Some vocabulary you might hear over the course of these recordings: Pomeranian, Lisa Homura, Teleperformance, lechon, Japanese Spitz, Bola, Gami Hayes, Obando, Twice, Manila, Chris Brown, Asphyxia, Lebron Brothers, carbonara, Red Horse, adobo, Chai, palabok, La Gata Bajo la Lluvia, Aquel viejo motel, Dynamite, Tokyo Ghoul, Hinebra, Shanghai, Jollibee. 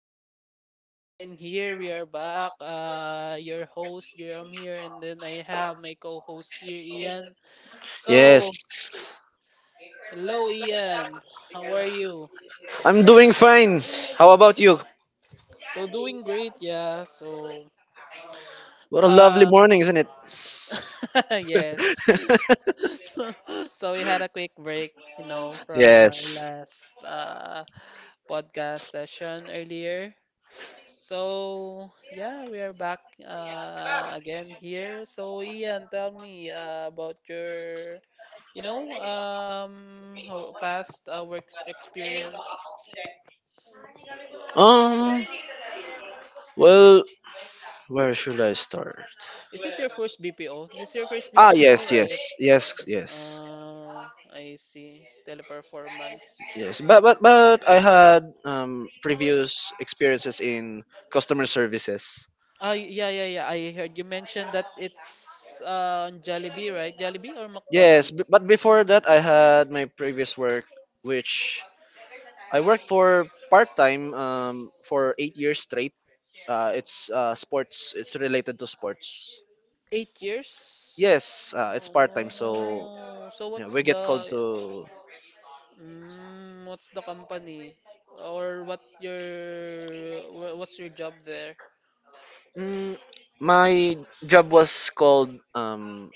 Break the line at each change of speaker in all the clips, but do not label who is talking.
morning. We are again here. We are back. Your host Jerome here, and then I have my co-host here, Ian. So,
Yes,
Hello, Ian. How are you?
I'm doing fine. How about you?
So, doing great, yeah.
What a lovely
Uh,
morning, isn't it?
yes. So, so we had a quick break, you know, from our
Yes.
last podcast session earlier. So yeah, we are back again here. So Ian, tell me about your past work experience.
Um, well, where should I start?
Is it your first BPO? This is your first
Ah,
BPO,
yes, yes,
right?
yes, yes.
Uh, I see. Teleperformance.
Yes, but I had previous experiences in customer services.
Yeah, yeah, yeah. I heard you mentioned that it's on Jollibee, right? Jollibee or
Yes, b-
McDonald's?
but before that I had my previous work which I worked for part-time for 8 years straight. It's sports, it's related to sports.
8 years.
Yes, it's part time, so
Oh, so what's
we get
the,
called to.
mm, what's the company? Or what's your job there?
Mm, my job was called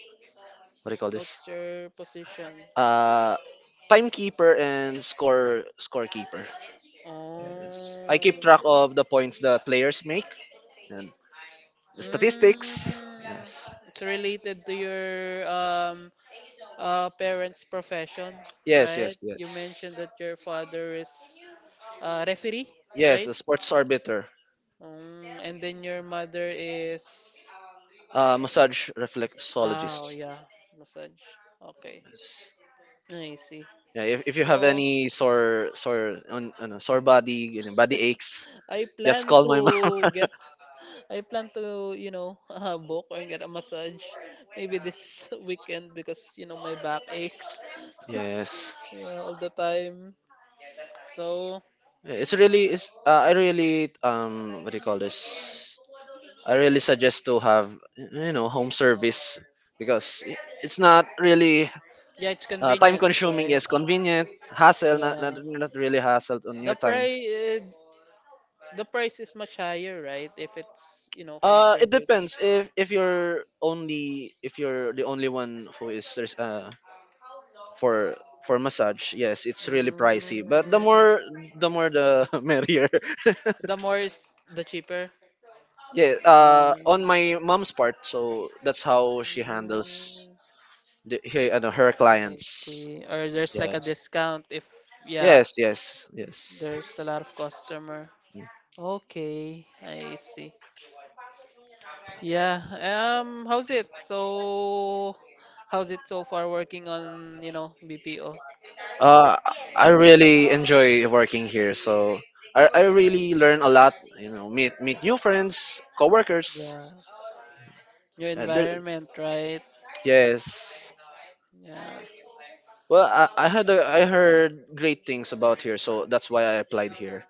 what do you call this?
What's your position?
Uh, timekeeper and scorekeeper. Yes, I keep
Oh.
track of the points the players make and the statistics.
Mm,
Yes,
it's related to your um parents' profession,
yes, yes,
right? You
yes,
mentioned that your father is a referee,
yes.
right?
A sports arbiter,
Mm, and then your mother is,
massage
ah, oh
reflexologist.
yeah, massage. Okay. I see.
Yeah, if you have
So
any sore sore on a sore body, body aches,
I
just
plan
call
to
my
get I plan to, you know, book or get a massage maybe this weekend because, you know, my back aches,
Yes,
yeah, all the time. So,
I really what do you call this? I really suggest to have home service because it's not really
yeah, it's
time
convenient,
consuming.
right?
Yes, convenient, hassle, not, not
Yeah.
not really hassle on your
The
time.
price the price is much higher, right? If it's, you know, home
It
service.
depends if you're only if you're the only one who is for for massage. Yes, it's really pricey, but the
Mm,
more the more the merrier.
the more is the cheaper.
Yeah,
Um,
on my mom's part, so that's how she handles
mm,
her
I
clients.
see. Or there's like a
Yes,
discount if, yeah,
yes, yes, yes.
there's a lot of customer. Okay, I see. Yeah. How's it? So, how's it so far working on, you know, BPO?
Uh, I really enjoy working here, so I really learn a lot. Meet new friends, coworkers.
Yeah. Your
There,
environment, right?
yes.
Yeah.
Well, I heard great things about here, so that's why I applied here.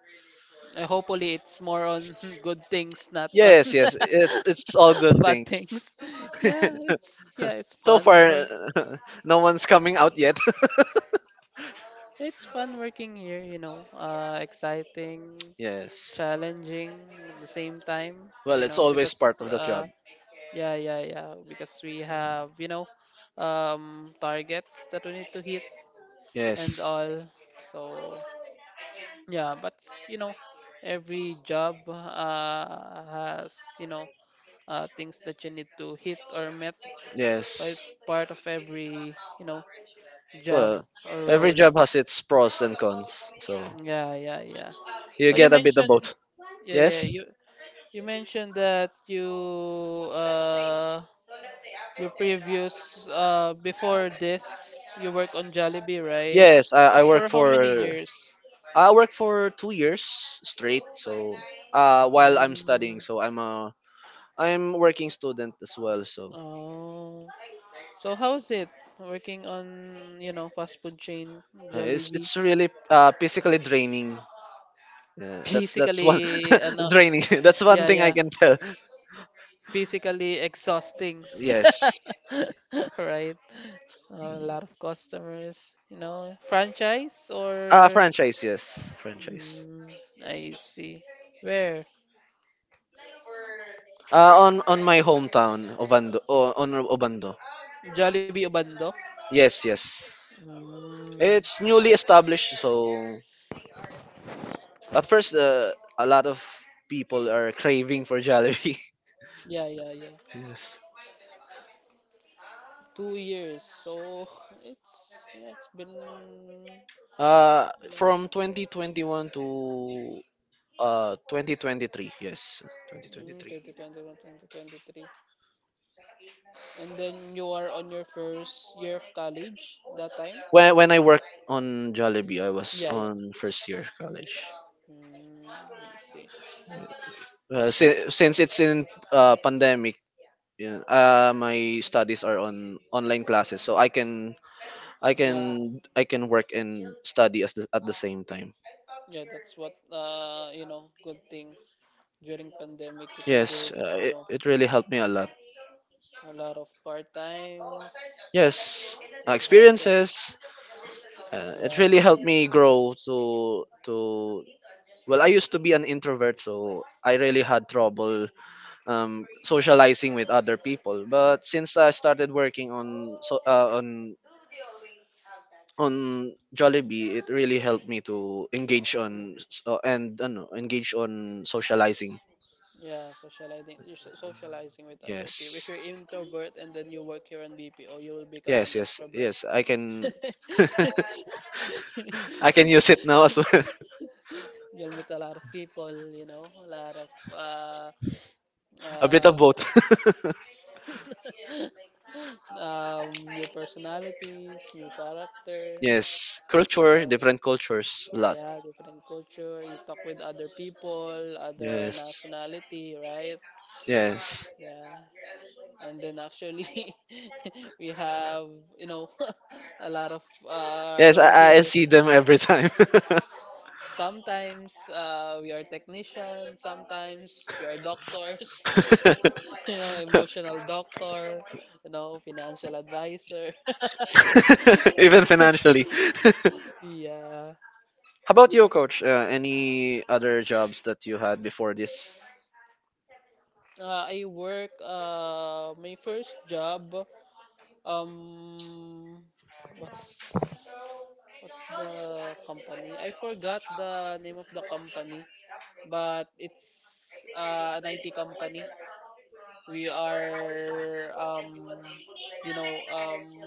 Hopefully it's more on good things, not on
Yes, yes, it's all good
bad
things.
things. Yeah, it's yeah, it's
So
fun
far,
work.
no one's coming out yet.
It's fun working here, you know. Exciting,
Yes.
challenging at the same time,
Well,
you
it's
know,
always
because
part of the job.
yeah, yeah, yeah. Because we have, you know, targets that we need to hit and
Yes.
all. So, yeah, but, you know, every job has, you know, things that you need to hit or met. So
Yes.
it's part of every, you know, job
Well,
or
every
role.
job has its pros and cons. So
Yeah, yeah, yeah.
you
But you
get a bit of
mentioned,
both.
yeah, yeah,
Yes.
you mentioned that you uh your previous, before this, you work on Jollibee, right?
Yes,
For how many years?
I work for 2 years straight. So while I'm studying,
Mm,
so I'm working student as well. So
oh. So how's it working on, you know, fast food chain
it's
Jollibee?
it's really physically draining. Yeah, that's one
Physically, ano,
draining. That's one
yeah,
thing I
yeah.
can tell.
Physically exhausting.
Yes.
Right. A lot of customers, you know, franchise
Uh,
or,
franchise, yes, franchise.
mm, I see. Where?
On my hometown, Obando, on Obando.
Jollibee Obando?
Yes, yes.
Mm.
It's newly established, so at first, a lot of people are craving for Jollibee.
Yeah, yeah, yeah.
Yes.
2 years. So it's yeah, it's been
From
long.
2021 to 2023. Yes,
Mm,
2023.
2021, 2023. And then you are on your first year of college that time?
When I worked on Jollibee, I was
Yeah, yeah.
on first year college.
Mm, I see.
Since it's in pandemic. Yeah. My studies are on online classes, so I can I
Yeah,
can I can work and study at the same time.
yeah, that's what you know, good thing during pandemic you can do,
Yes,
you
it,
know,
it really helped me a lot.
a lot of part times
Yes,
and hustle.
experiences. It
Yeah.
really helped me grow to. Well, I used to be an introvert, so I really had trouble socializing with other people. But since I started working on Jollibee, it really helped me to engage on s- and ano, engage on socializing.
Yeah, socializing, socializing with other people. If
Yes.
you're introvert and then you work here on BPO, you will become an
Yes, yes,
extrovert.
yes. I can I can use it now as well.
You'll meet a lot of people, you know, a lot of
A bit of
uh,
both.
new personalities, new character,
Yes.
you
Culture,
know,
different cultures, a lot.
yeah, different culture. You talk with other people, other
Yes.
nationality, right?
Yes.
Yeah, and then actually we have, you know, a lot of
Yes,
role
I
here.
see them every time.
Sometimes we are technicians, sometimes we are doctors, you know, emotional doctor, you know, financial advisor.
Even financially.
Yeah,
How about you, coach? Any other jobs that you had before this?
I work my first job, um what's what's the company? I forgot the name of the company, but it's an IT company. We are, you know,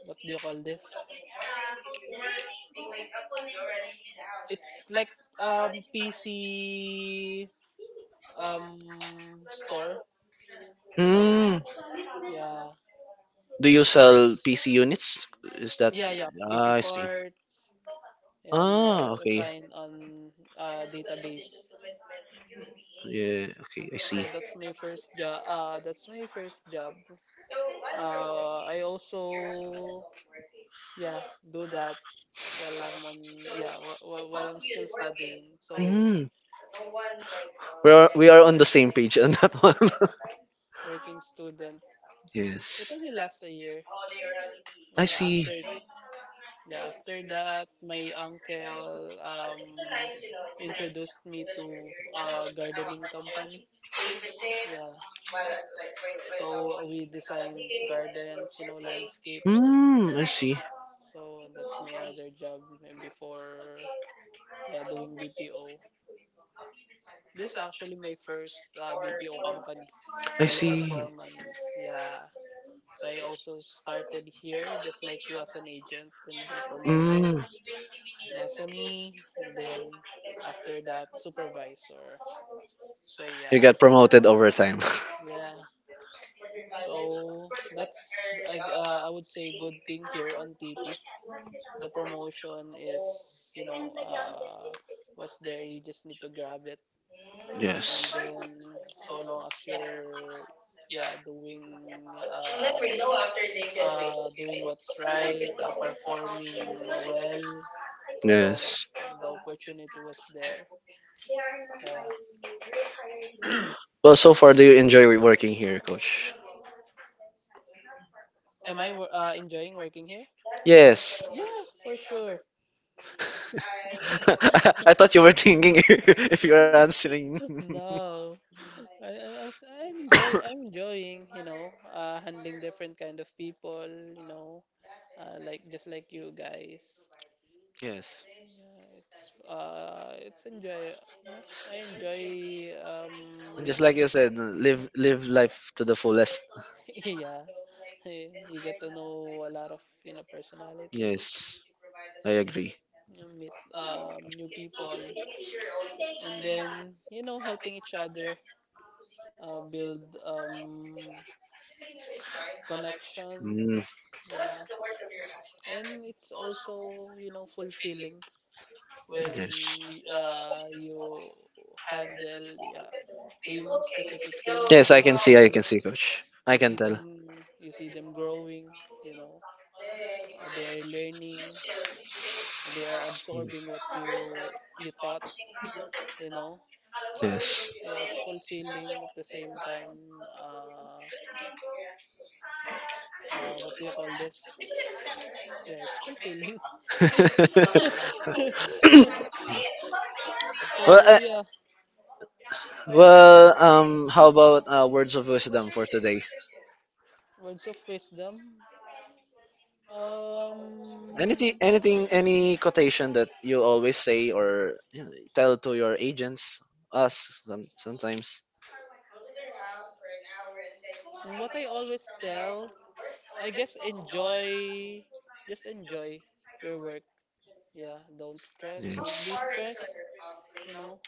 what do you call this? It's like, PC, um, store, you know.
Hmm.
Yeah,
Do you sell PC units? Is that.
yeah, yeah. PC
Ah, I see.
parts, and I
Ah,
was
okay.
assigned on database.
Yeah, okay, I see.
So that's my first job. I also, yeah, do that while I'm on, yeah, wh wh while I'm still studying. So,
Hmm. We are on the same page on that one.
working student. It
Yes.
only lasts a year.
I
Yeah,
see.
after, yeah, after that, my uncle introduced me to a gardening company. Yeah. So we design gardens, you know, landscapes.
Mm, I see.
So that's my other job before, yeah, doing BPO. This is actually my first BPO company,
I see.
teleperformance. Yeah, so I also started here, just like you, as an agent, and been promoted
Mm,
as an SME, and then after that, supervisor. So
you
yeah,
got promoted over time.
yeah. So that's like I would say good thing here on TP. The promotion is, you know, was there. You just need to grab it, and
Yes.
then so long as you're, yeah, doing doing what's right, performing well. No,
Yes.
the opportunity was there. Yeah.
Well, so far, do you enjoy working here, Coach?
Am I enjoying working here?
Yes.
Yeah, for sure.
I thought you were thinking if you were answering.
No, I'm enjoying, you know, handling different kind of people, you know, like just like you guys.
Yes.
Yeah, I enjoy
And just
meeting.
like you said, live life to the fullest.
Yeah, eh, you get to know a lot of, you know, personalities.
Yes, I agree.
You meet new people, and then, you know, helping each other build, connection,
Mm,
you know, and it's also, you know, fulfilling when
yes,
you handle, yeah, team specific team and
yes, I
then
can see, I can see, coach. I can tell.
you see them growing, you know, they're learning, they are absorbing what you taught, you know.
Yes.
Yeah, it's fulfilling at the same time, uh, what do you call this yeah, it's fulfilling.
well,
So
uh,
yeah,
well, how about words of wisdom for today?
words of wisdom.
Anything,
Um,
anything, any quotation that you always say or tell to your agents, us sometimes.
what I always tell, I guess, enjoy, just enjoy your work. Yeah, don't stress, don't be
Yes.
stressed, you know,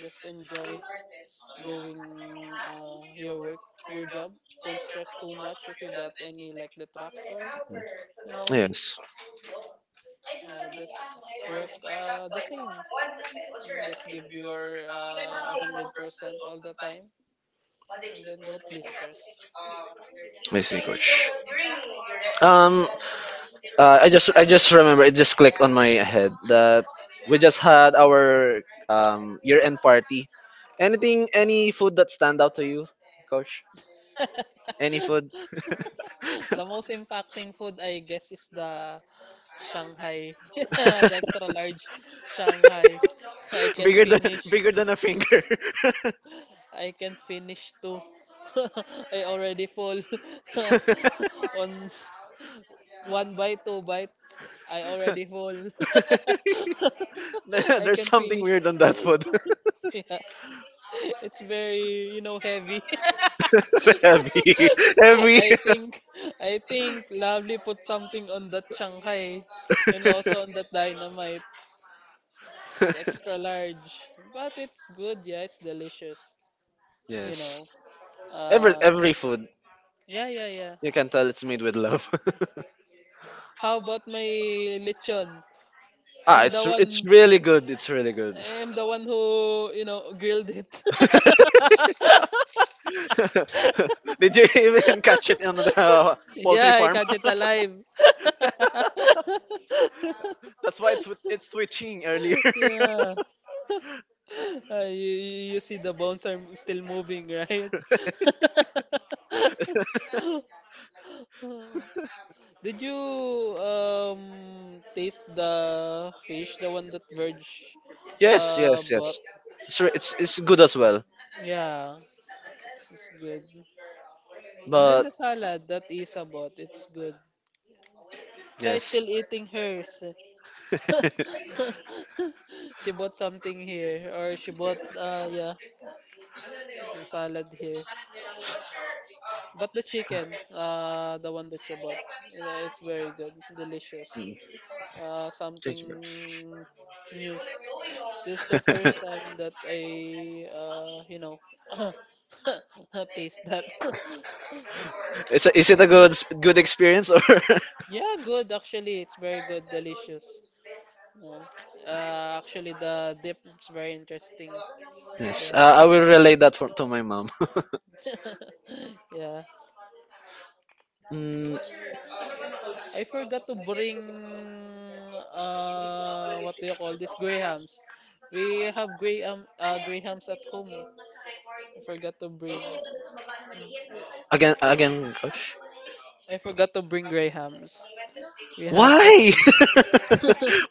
just enjoy doing your work, your job. Don't stress too much if you got any like detractor, you know,
Yes.
yeah, just work the same. You just give your 100% all the time, and then don't be stressed.
I see, coach. Um, I just remember it just clicked on my head that we just had our year end party. Anything, any food that stand out to you, coach? Any food
The most impacting food, I guess, is the Shanghai, the extra large Shanghai. I can
bigger than
finish.
bigger than a finger.
I can finish too. I already fall on one bite, two bites. I already fall. I
There's
can
something
finish.
weird on that food.
Yeah, it's very, you know, heavy.
Heavy. Heavy.
I think, I think Lovely put something on that Shanghai and also on that Dynamite. It's extra large, but it's good. Yeah, it's delicious. You
Yes.
know.
Every
Uh,
every food
yeah, yeah, yeah.
you can tell it's made with love.
How about my lechon?
Ah,
I'm the
it's
one.
really good. It's really good.
I'm the one who, you know, grilled it.
Did you even catch it on the poultry
Yeah, I
farm?
catch it alive.
That's why it's it's twitching earlier.
Yeah. You see the bones are still moving, right? Did you taste the fish, the one that Verge
Yes, yes,
bought?
yes. It's re- it's good as well.
Yeah, it's good. And then
But
the salad that Isa bought, it's good. Chai
yes.
still eating hers. She bought something here, or she bought, yeah, some salad here. But the chicken, the one that she bought, it's very good, delicious.
Mm.
Uh,
Thank you.
something new. This is the
Man.
first time that I, you know, taste that.
Is it a good experience or?
Yeah, good actually. It's very good, delicious. No, actually the dip is very interesting.
Yes,
Yeah,
I will relay that to my mom.
yeah.
mm,
I forgot to bring, what do you call this? Grahams. We have grahams at home. I forgot to bring. Mm,
again, again, coach.
I forgot to bring grahams. We have the.
Why?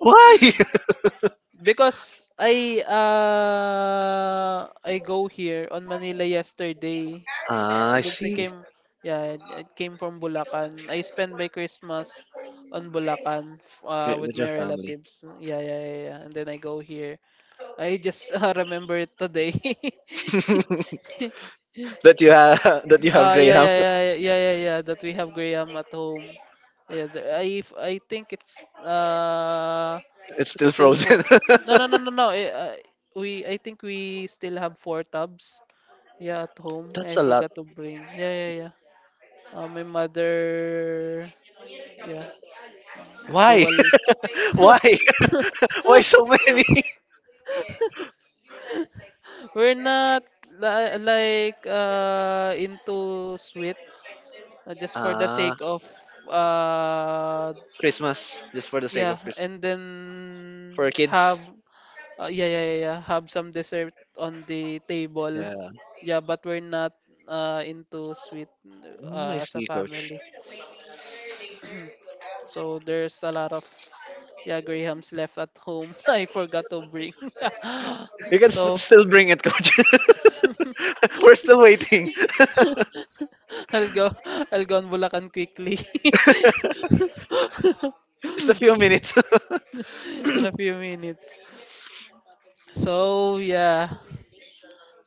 Why?
Because I go here on Manila yesterday.
Ah, I
Because I
see.
came, yeah, I came from Bulacan. I spent my Christmas on Bulacan
With,
with
with your
my
family.
relatives. Yeah, yeah, yeah, yeah. And then I go here. I just remember it today.
That you have
Ah, yeah,
Graham.
yeah, yeah, yeah, yeah, yeah. That we have Graham at home. Yeah, I think
It's
it's
still
still four.
frozen.
No, no, no, no, no. Eh, we I think we still have four tubs. Yeah, at home. I
That's a lot.
forgot to bring. Yeah, yeah, yeah. My mother. Yeah,
Why?
dual.
Why? Why so many?
We're not like into sweets, just for the
Ah,
sake of uh
Christmas just for the sake
yeah,
of Christmas.
and then
For kids.
have, yeah, yeah, yeah, yeah, have some dessert on the table.
Yeah,
Yeah, but we're not into sweet,
mm, I
as a
see, coach.
family. So there's a lot of, yeah, Grahams left at home. I forgot to bring.
You can
So
still bring it, coach. We're still waiting.
I'll go I'll go on Bulacan quickly.
Just a few minutes.
In a few minutes. So yeah,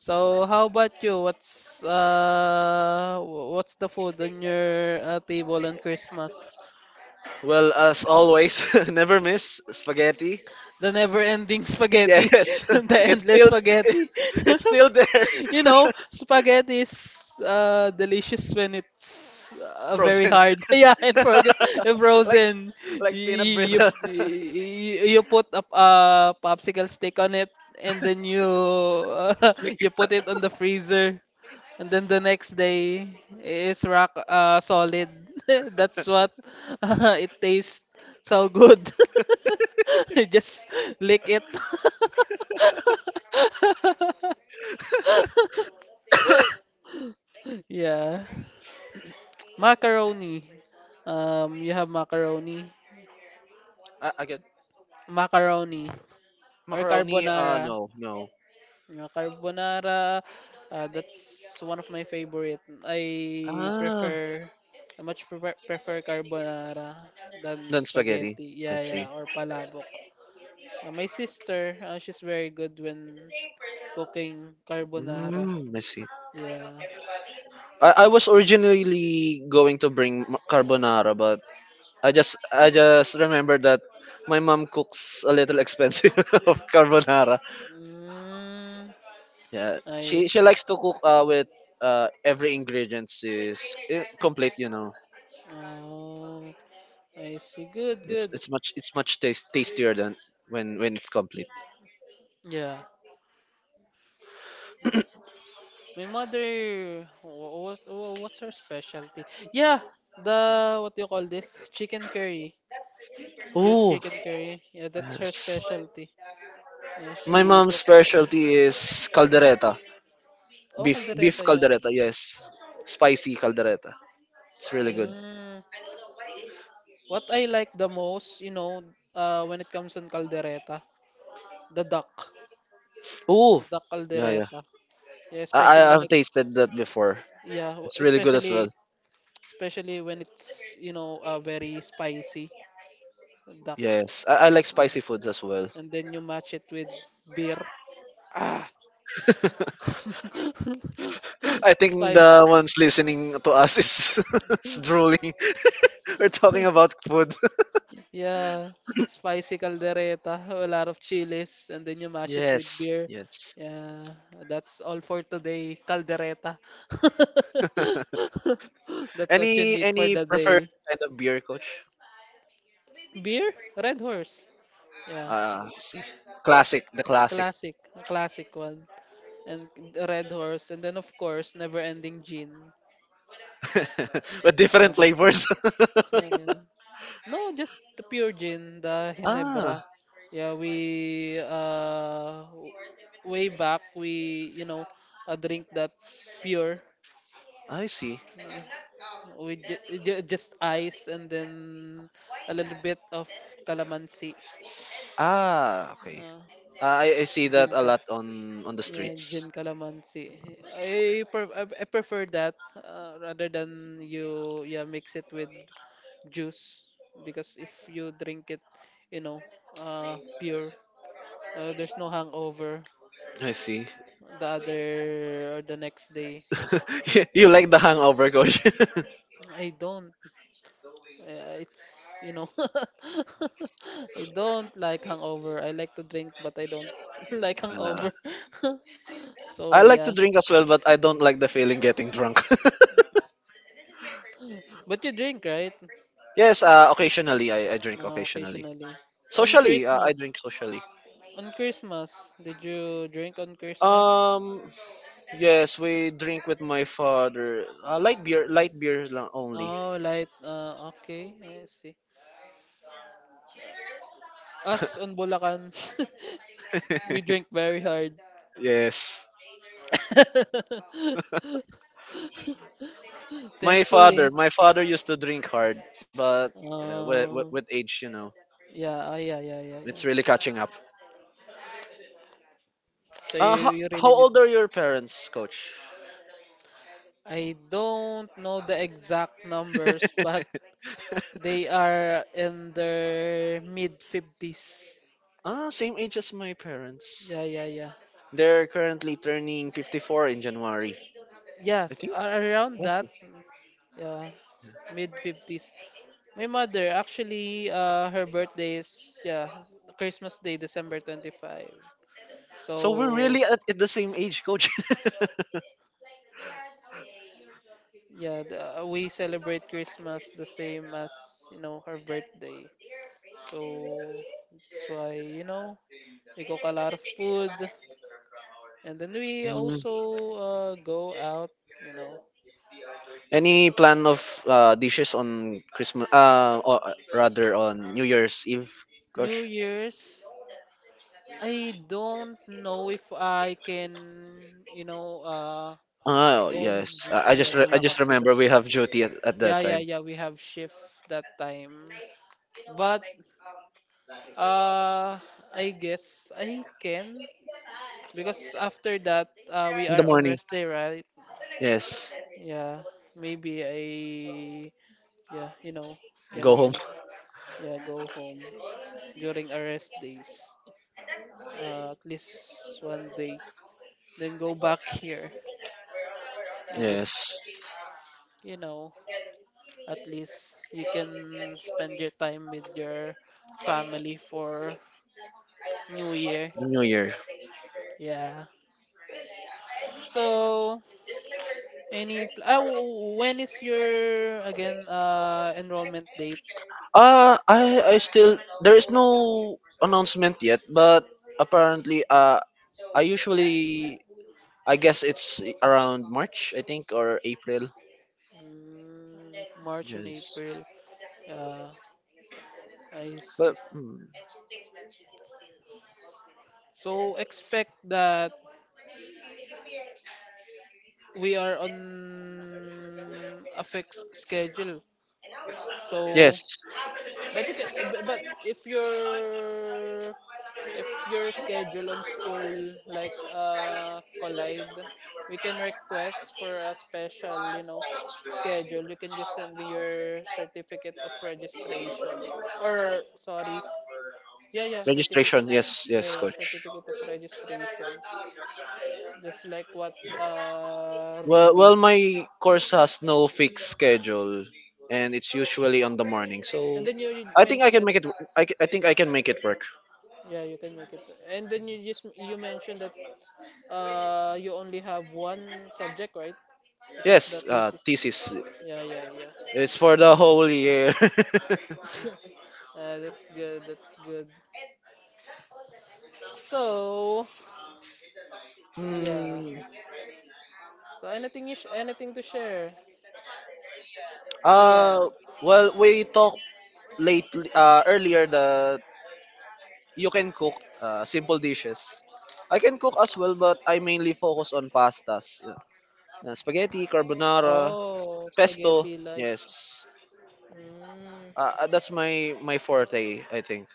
so how about you? What's the food on your table on Christmas?
Well, as always, never miss spaghetti.
The never-ending spaghetti,
Yes.
the
It's
endless
Still,
spaghetti.
it's still there.
You know, spaghetti is delicious when it's very
Frozen,
hard. Yeah, and frozen. And frozen.
like peanut
You,
brittle.
you you put a, popsicle stick on it, and then you
Like,
you put it on the freezer. And then the next day is rock, solid. That's what it tastes so good. You just lick it. Yeah. Macaroni. You have macaroni,
again,
macaroni or
macaroni. Uh,
carbonara.
no, no.
Yeah, carbonara, that's one of my favorite. I
Ah,
prefer, I much prefer, prefer carbonara than
then spaghetti.
spaghetti.
I
Yeah, yeah,
see.
or palabok. My sister, she's very good when cooking carbonara.
Mm, I see.
Yeah.
I was originally going to bring carbonara, but I just remembered that my mom cooks a little expensive of carbonara.
Mm,
Yeah,
I
she
see.
likes to cook with every ingredient is complete. You know.
Oh, I see. Good,
It's,
good.
it's much it's much tastier than when it's complete.
Yeah. My mother, what's her specialty? Yeah, what do you call this? Chicken curry. Your
Oh,
chicken curry. Yeah, that's her
yes.
specialty. Yeah,
My
she.
mom's specialty is
Oh,
beef
caldereta, yeah.
caldereta. Yes, spicy caldereta. It's really good.
Mm. What I like the most, when it comes on caldereta, the duck.
Oh,
Duck
yeah, yeah.
caldereta. Yeah, especially when
I've
it's,
tasted that before.
yeah,
It's really good as well.
especially, especially when it's, very spicy duck.
Yes, I like
Yeah.
spicy foods as well.
And then you match it with beer. Ah,
I think
spice.
the ones listening to us is, is drooling. We're talking about food.
Yeah, spicy caldereta, a lot of chilies, and then you mash it with
Yes,
beer.
yes.
Yeah, that's all for today, caldereta. That's what you
Any
need for
any
the
preferred
day.
kind of beer, coach?
Beer? Red Horse. Yeah,
See, classic, the classic,
classic, a classic one. And Red Horse, and then of course, Never Ending Gin.
but
Yeah.
different flavors.
Yeah. No, just the pure gin, the
Ah,
Hinebra. Yeah, we way back we drink that pure.
I see.
Yeah. We just ice and then a little bit of calamansi.
Ah, okay.
Uh,
Ah, I see that
gin
a
cal
lot on the
Yeah,
streets.
gin calamansi. I prefer that, rather than you mix it with juice, because if you drink it, you know, pure, there's no hangover
I see.
the other or the next day.
You like the hangover, coach.
I don't. Uh, it's you know, I don't like hangover. I like to drink, but I don't like
Uh,
hangover.
I
So
like to
yeah,
drink as well, but I don't like the feeling getting drunk.
but you drink, right?
Yes, occasionally I drink occasionally.
Occasionally. On
Socially, I
Christmas,
drink socially.
on Christmas, did you drink on Christmas?
Um, yes, we drink with my father. Light beers lang only.
Oh, light. Okay, I see. Us on Bulacan, we drink very hard.
Yes. My father,
Thankfully.
my father used to drink hard, but with, with,
Um,
with age,
yeah, ah, yeah, yeah, yeah, yeah.
it's really catching up.
So
Uh,
you,
how,
you
how
really need.
old are your parents, coach?
I don't know the exact numbers, but they are in their mid 50s.
Ah, same age as my parents.
Yeah, yeah, yeah.
They're currently turning 54 in January. I
Yes,
think.
a- around that. Yeah, mid 50s. My mother, actually, her birthday is, yeah, Christmas Day, December 25.
So we're
So
really at the same age, coach.
yeah, we celebrate Christmas the same as, her birthday. So that's why, we cook a lot of food, and then we
Mm.
also go out. You know,
Any plan of dishes on Christmas? Or rather on New Year's Eve,
New
Coach.
Year's. I don't know if I can, you know uh,
Oh
go on
yes,
Yeah
I just
Bulacan,
remember we
because
have duty at
yeah
that
yeah
time
yeah we have shift that time, but uh I guess I can. Because after that, we
in the
are on
morning.
rest day, right?
Yes,
Yeah, maybe I, yeah, you know,
go home.
can yeah go home during our rest days, at least one day. Then go back here. You
Yes,
just, you know, at least you can spend your time with your family for New Year.
New Year.
Yeah. So any pl- ah, w- w- when is your again enrollment date?
I still there is no announcement yet, but apparently I usually I guess it's around March I think or April.
Mm, March and
Yes.
April. Yeah, I
But
see. So expect that we are on a fixed schedule. So,
yes,
but if your, if your schedule on school like collide, we can request for a special, schedule. You can just send me your certificate of registration or sorry, yeah, yeah, certificate.
registration. Yes, yes,
Yeah, yeah,
coach.
certificate of registration. Just like what
Well,
Ruby.
well, my course has no fixed schedule, and it's usually on the morning.
And
So
then you
I think I
mentioned
can
that,
make it. I think I can make it work.
yeah, you can make it. And then you mentioned that you only have one subject, right? Which is the
Yes,
thesis.
thesis.
Yeah, yeah, yeah.
It's for the whole year.
Uh, that's good. That's good. So, yeah.
Hmm.
So anything to share? Ian.
Uh, well, we talked late earlier that you can cook simple dishes. I can cook as well, but I mainly focus on pastas, spaghetti, carbonara,
Oh, spaghetti
pesto.
like,
Yes,
mm.
that's my forte. I think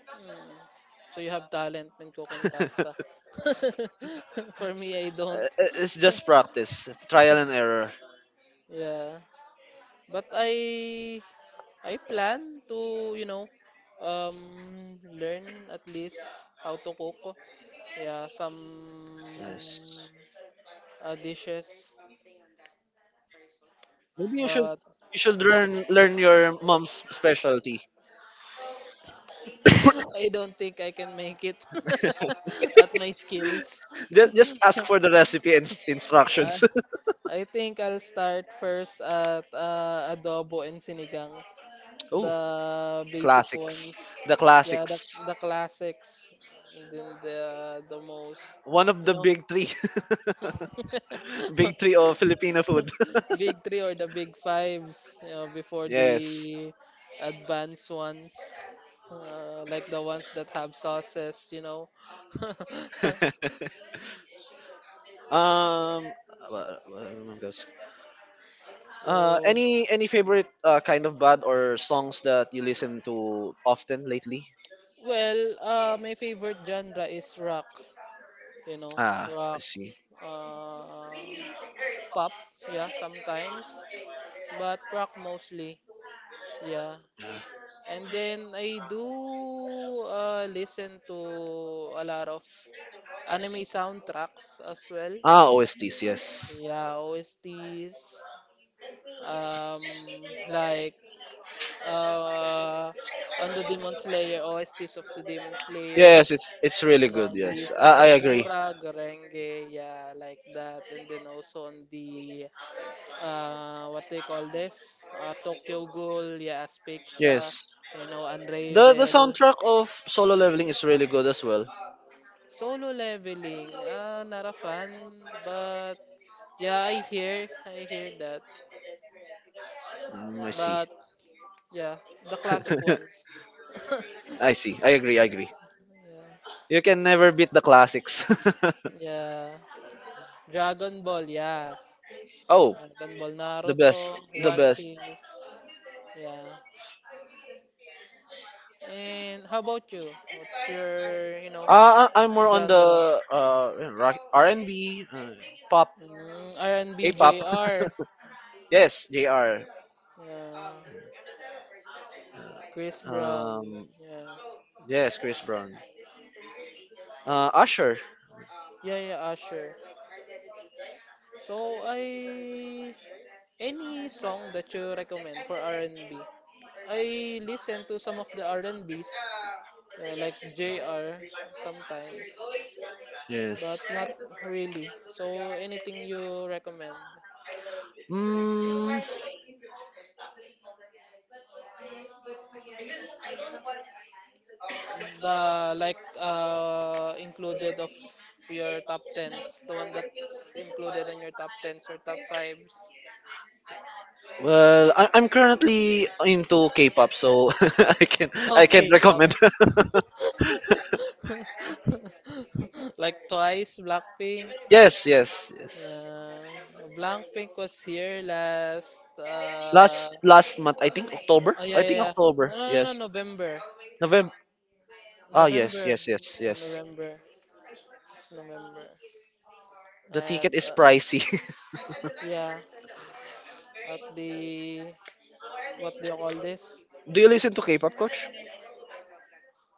Mm. So you have talent in cooking pasta. For me, I don't.
Uh, it's just practice, trial and error.
Yeah. But I plan to, learn at least how to cook. Yeah, some
Yes.
dishes,
Maybe you should
but
you should learn your mom's specialty.
I don't think I can make it at my skills.
Just ask for the recipe and
Uh,
instructions.
I think I'll start first at adobo and sinigang,
Oh,
the basic
classics.
ones.
The
Yeah, the
classics.
the classics, and then the most,
One of
you
the
know,
big three. Big three of Filipino food.
big three or the big fives, before
Yes.
the advanced ones, like the ones that have sauces, you know.
Um. Wha- wha- what goes-
So,
any favorite kind of band or songs that you listen to often lately?
well, my favorite genre is rock. you know,
Ah, I
Rock,
see.
uh, pop, yeah, sometimes, but rock mostly, yeah.
Yeah.
And then I do listen to a lot of anime soundtracks as well.
Ah, OSTs. Yes.
Yeah, OSTs, um, like uh, on the Demon Slayer, OSTs of the Demon
Yes, it's
Slayers,
it's
you
really
know,
good.
and
Yes,
Lisa
I agree.
Homura, Gorenge, yeah, like that. And then also on the, what they call this, Tokyo Ghoul, yeah, Asphyxia,
Yes.
you know,
The
Unravel,
soundtrack of Solo Leveling is really good as well.
Solo Leveling, not a fan, but yeah, I hear that.
Mm, I see.
But yeah, the classic ones.
I see. I agree. I agree.
Yeah.
You can never beat the classics.
Yeah. Dragon Ball, yeah.
Oh,
Dragon Ball,
the
Naruto,
best. The
One
best.
Piece, yeah. And how about you? What's your, you know,
I'm more on
genre?
the yeah, R&B, pop,
Mm, R&B,
K-pop.
BJR.
Yes, JR.
Yeah. Chris Brown,
Um,
yeah.
yes, Chris Brown. Usher.
Yeah, yeah, Usher. So I, any song that you recommend for R&B? I listen to some of the R&Bs, like J.R. sometimes, but
Yes.
not really. So anything you recommend?
Mm,
The, included of your top tens, the one that's included on your top tens or top fives.
well, I'm currently into K-pop, so I can
Okay, pop.
recommend.
Like Twice, Blackpink.
Yes, yes, yes.
Yeah. Blackpink was here last
Last month, I think October.
oh yeah
I
yeah
think
yeah.
October.
No,
Yes,
November.
November. Ah, yes,
November.
yes, yes,
Yeah,
yes.
November. It's November.
The
At
ticket is pricey.
yeah. At the, what do you call this?
Do you listen to K-pop, coach?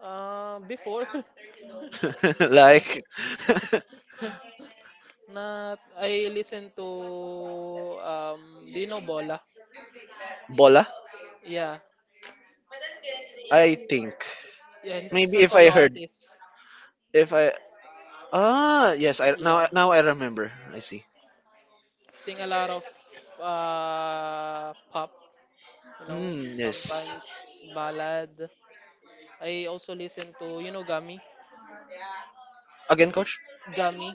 Uh, before what
Like
not not I listen to, do you know Bola.
Bola?
Yeah.
I think,
Yeah, he's
maybe
a
if I
solo
heard,
artist.
if I, yes, I,
Yeah.
now I remember. I see.
Sing a lot of pop, you know,
Mm, yes.
sometimes ballad. I also listen to, you know, Gami.
Again, coach.
Gami.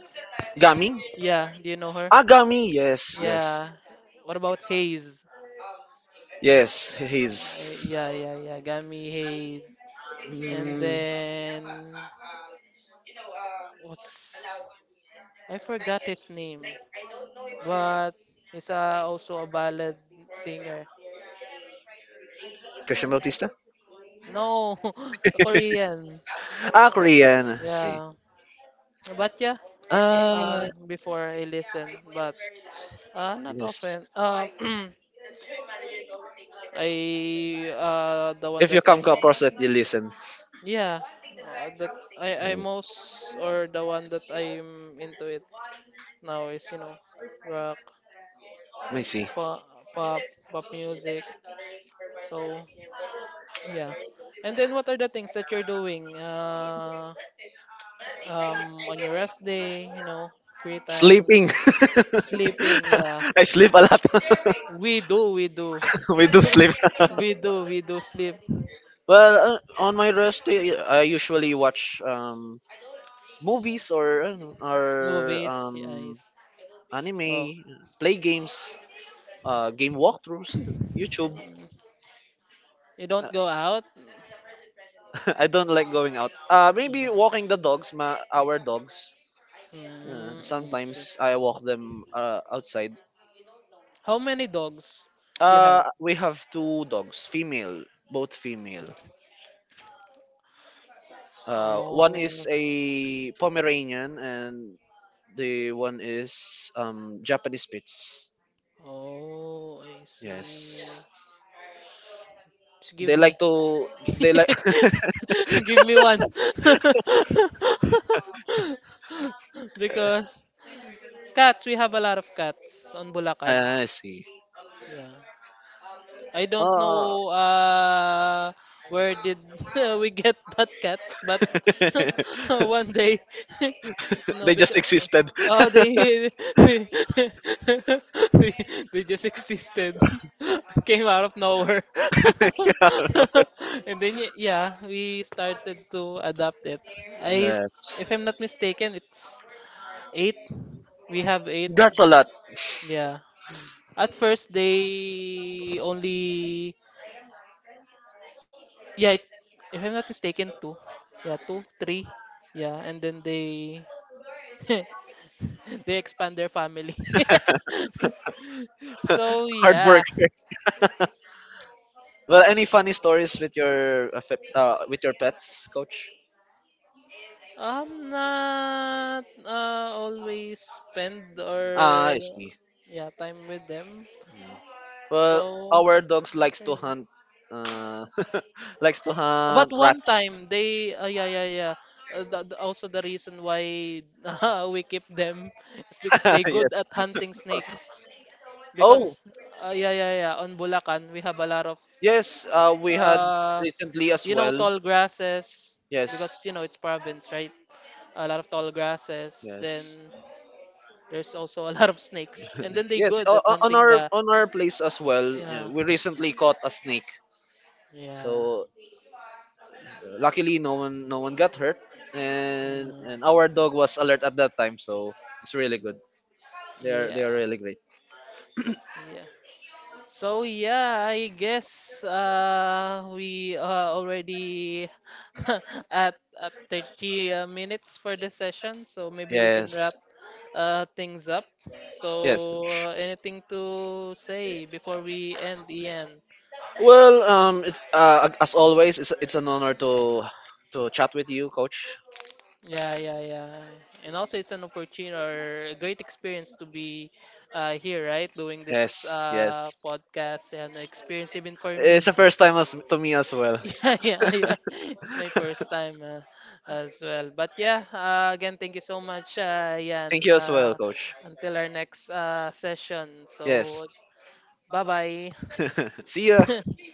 Gaming.
Yeah, do you know her?
Ah, Gami. Yes, yes,
Yeah. What about Hayes?
yes. He's
Yeah, yeah, yeah. Gami Hayes. And
mm,
then what's I forgot his name, but he's also a ballad singer.
Christian Bautista.
No, the Korean.
Ah, Korean. I see.
Yeah. But yeah,
Ah,
before I listen, but not often.
yes.
I the one
If
that
you come
I'm mo-
across it, you listen.
Yeah, that I
Yes.
most or the one that I'm into it now is, rock,
I see.
pop, pop, pop music. So yeah, and then what are the things that you're doing? On your rest day, you know, free time,
Sleeping.
sleeping. Yeah,
I sleep a lot.
we do, we do.
We do sleep.
We do sleep.
Well, on my rest day, I usually watch movies or
Movies,
um,
yes. Oh.
anime, play games, game walkthroughs, YouTube.
Mm. You don't go out?
I don't like going out. Uh,
Mm,
maybe walking the dogs, ma our dogs. Uh,
mm, I see.
sometimes I walk them outside.
How many dogs you
Uh,
have?
we have two dogs, female, both female. One
Oh,
is a Pomeranian and the one is Japanese Spitz.
oh, I see.
Yes,
Just give
they
me.
like to. They like.
Give me one. Because cats, we have a lot of cats on Bulacan.
I see.
Yeah. I don't
Uh,
know where did we get that cats, but one day, no,
they just
because
existed.
oh, they they, they they just existed, came out of nowhere, and then yeah, we started to adopt it. I,
Yeah.
if I'm not mistaken, it's eight. We have eight.
That's a lot.
Yeah. At first, they only. Yeah, it, if I'm not mistaken, two. Yeah, two, three. Yeah, and then they they expand their family. So
Hard work.
yeah,
Well, any funny stories with with your pets, coach?
I'm not always spend
Ah,
or
I see.
yeah time with them.
Mm. Well,
So
our dogs
not
likes to
really.
hunt. Uh, Likes to
But
hunt
one
rats.
time they yeah yeah yeah. Also the reason why we keep them is because they
Yes.
good at hunting snakes.
Oh,
Because yeah yeah yeah, on Bulacan we have a lot of
yes. We had
uh
recently as
you know
well.
tall grasses,
Yes.
because you know it's province, right, a lot of tall grasses, then
Yes.
there's also a lot of snakes and then they
Yes.
good
o-
at
o- On
hunting
our
the,
on our place as well. Yeah,
yeah
we recently caught a snake.
yeah,
So luckily, no one got hurt, and
mm,
and our dog was alert at that time. So it's really good. They are they
yeah
are really great.
yeah. So yeah, I guess we already at 30 minutes for this session, so maybe we can
Yes,
wrap things up.
yes.
So
Coach.
anything to say before we end, Ian?
Well, it's as always, it's an honor to chat with you, Coach.
Yeah, yeah, yeah. And also, it's an opportunity or a great experience to be here, right? Doing this
Yes, yes.
podcast and experience even for
It's
me.
the first time to me as well.
Yeah, yeah, yeah. It's my first time as well. But yeah, again, thank you so much,
Thank
Yan.
you as well, Coach.
Until our next session.
Yes.
So, bye bye.
See ya.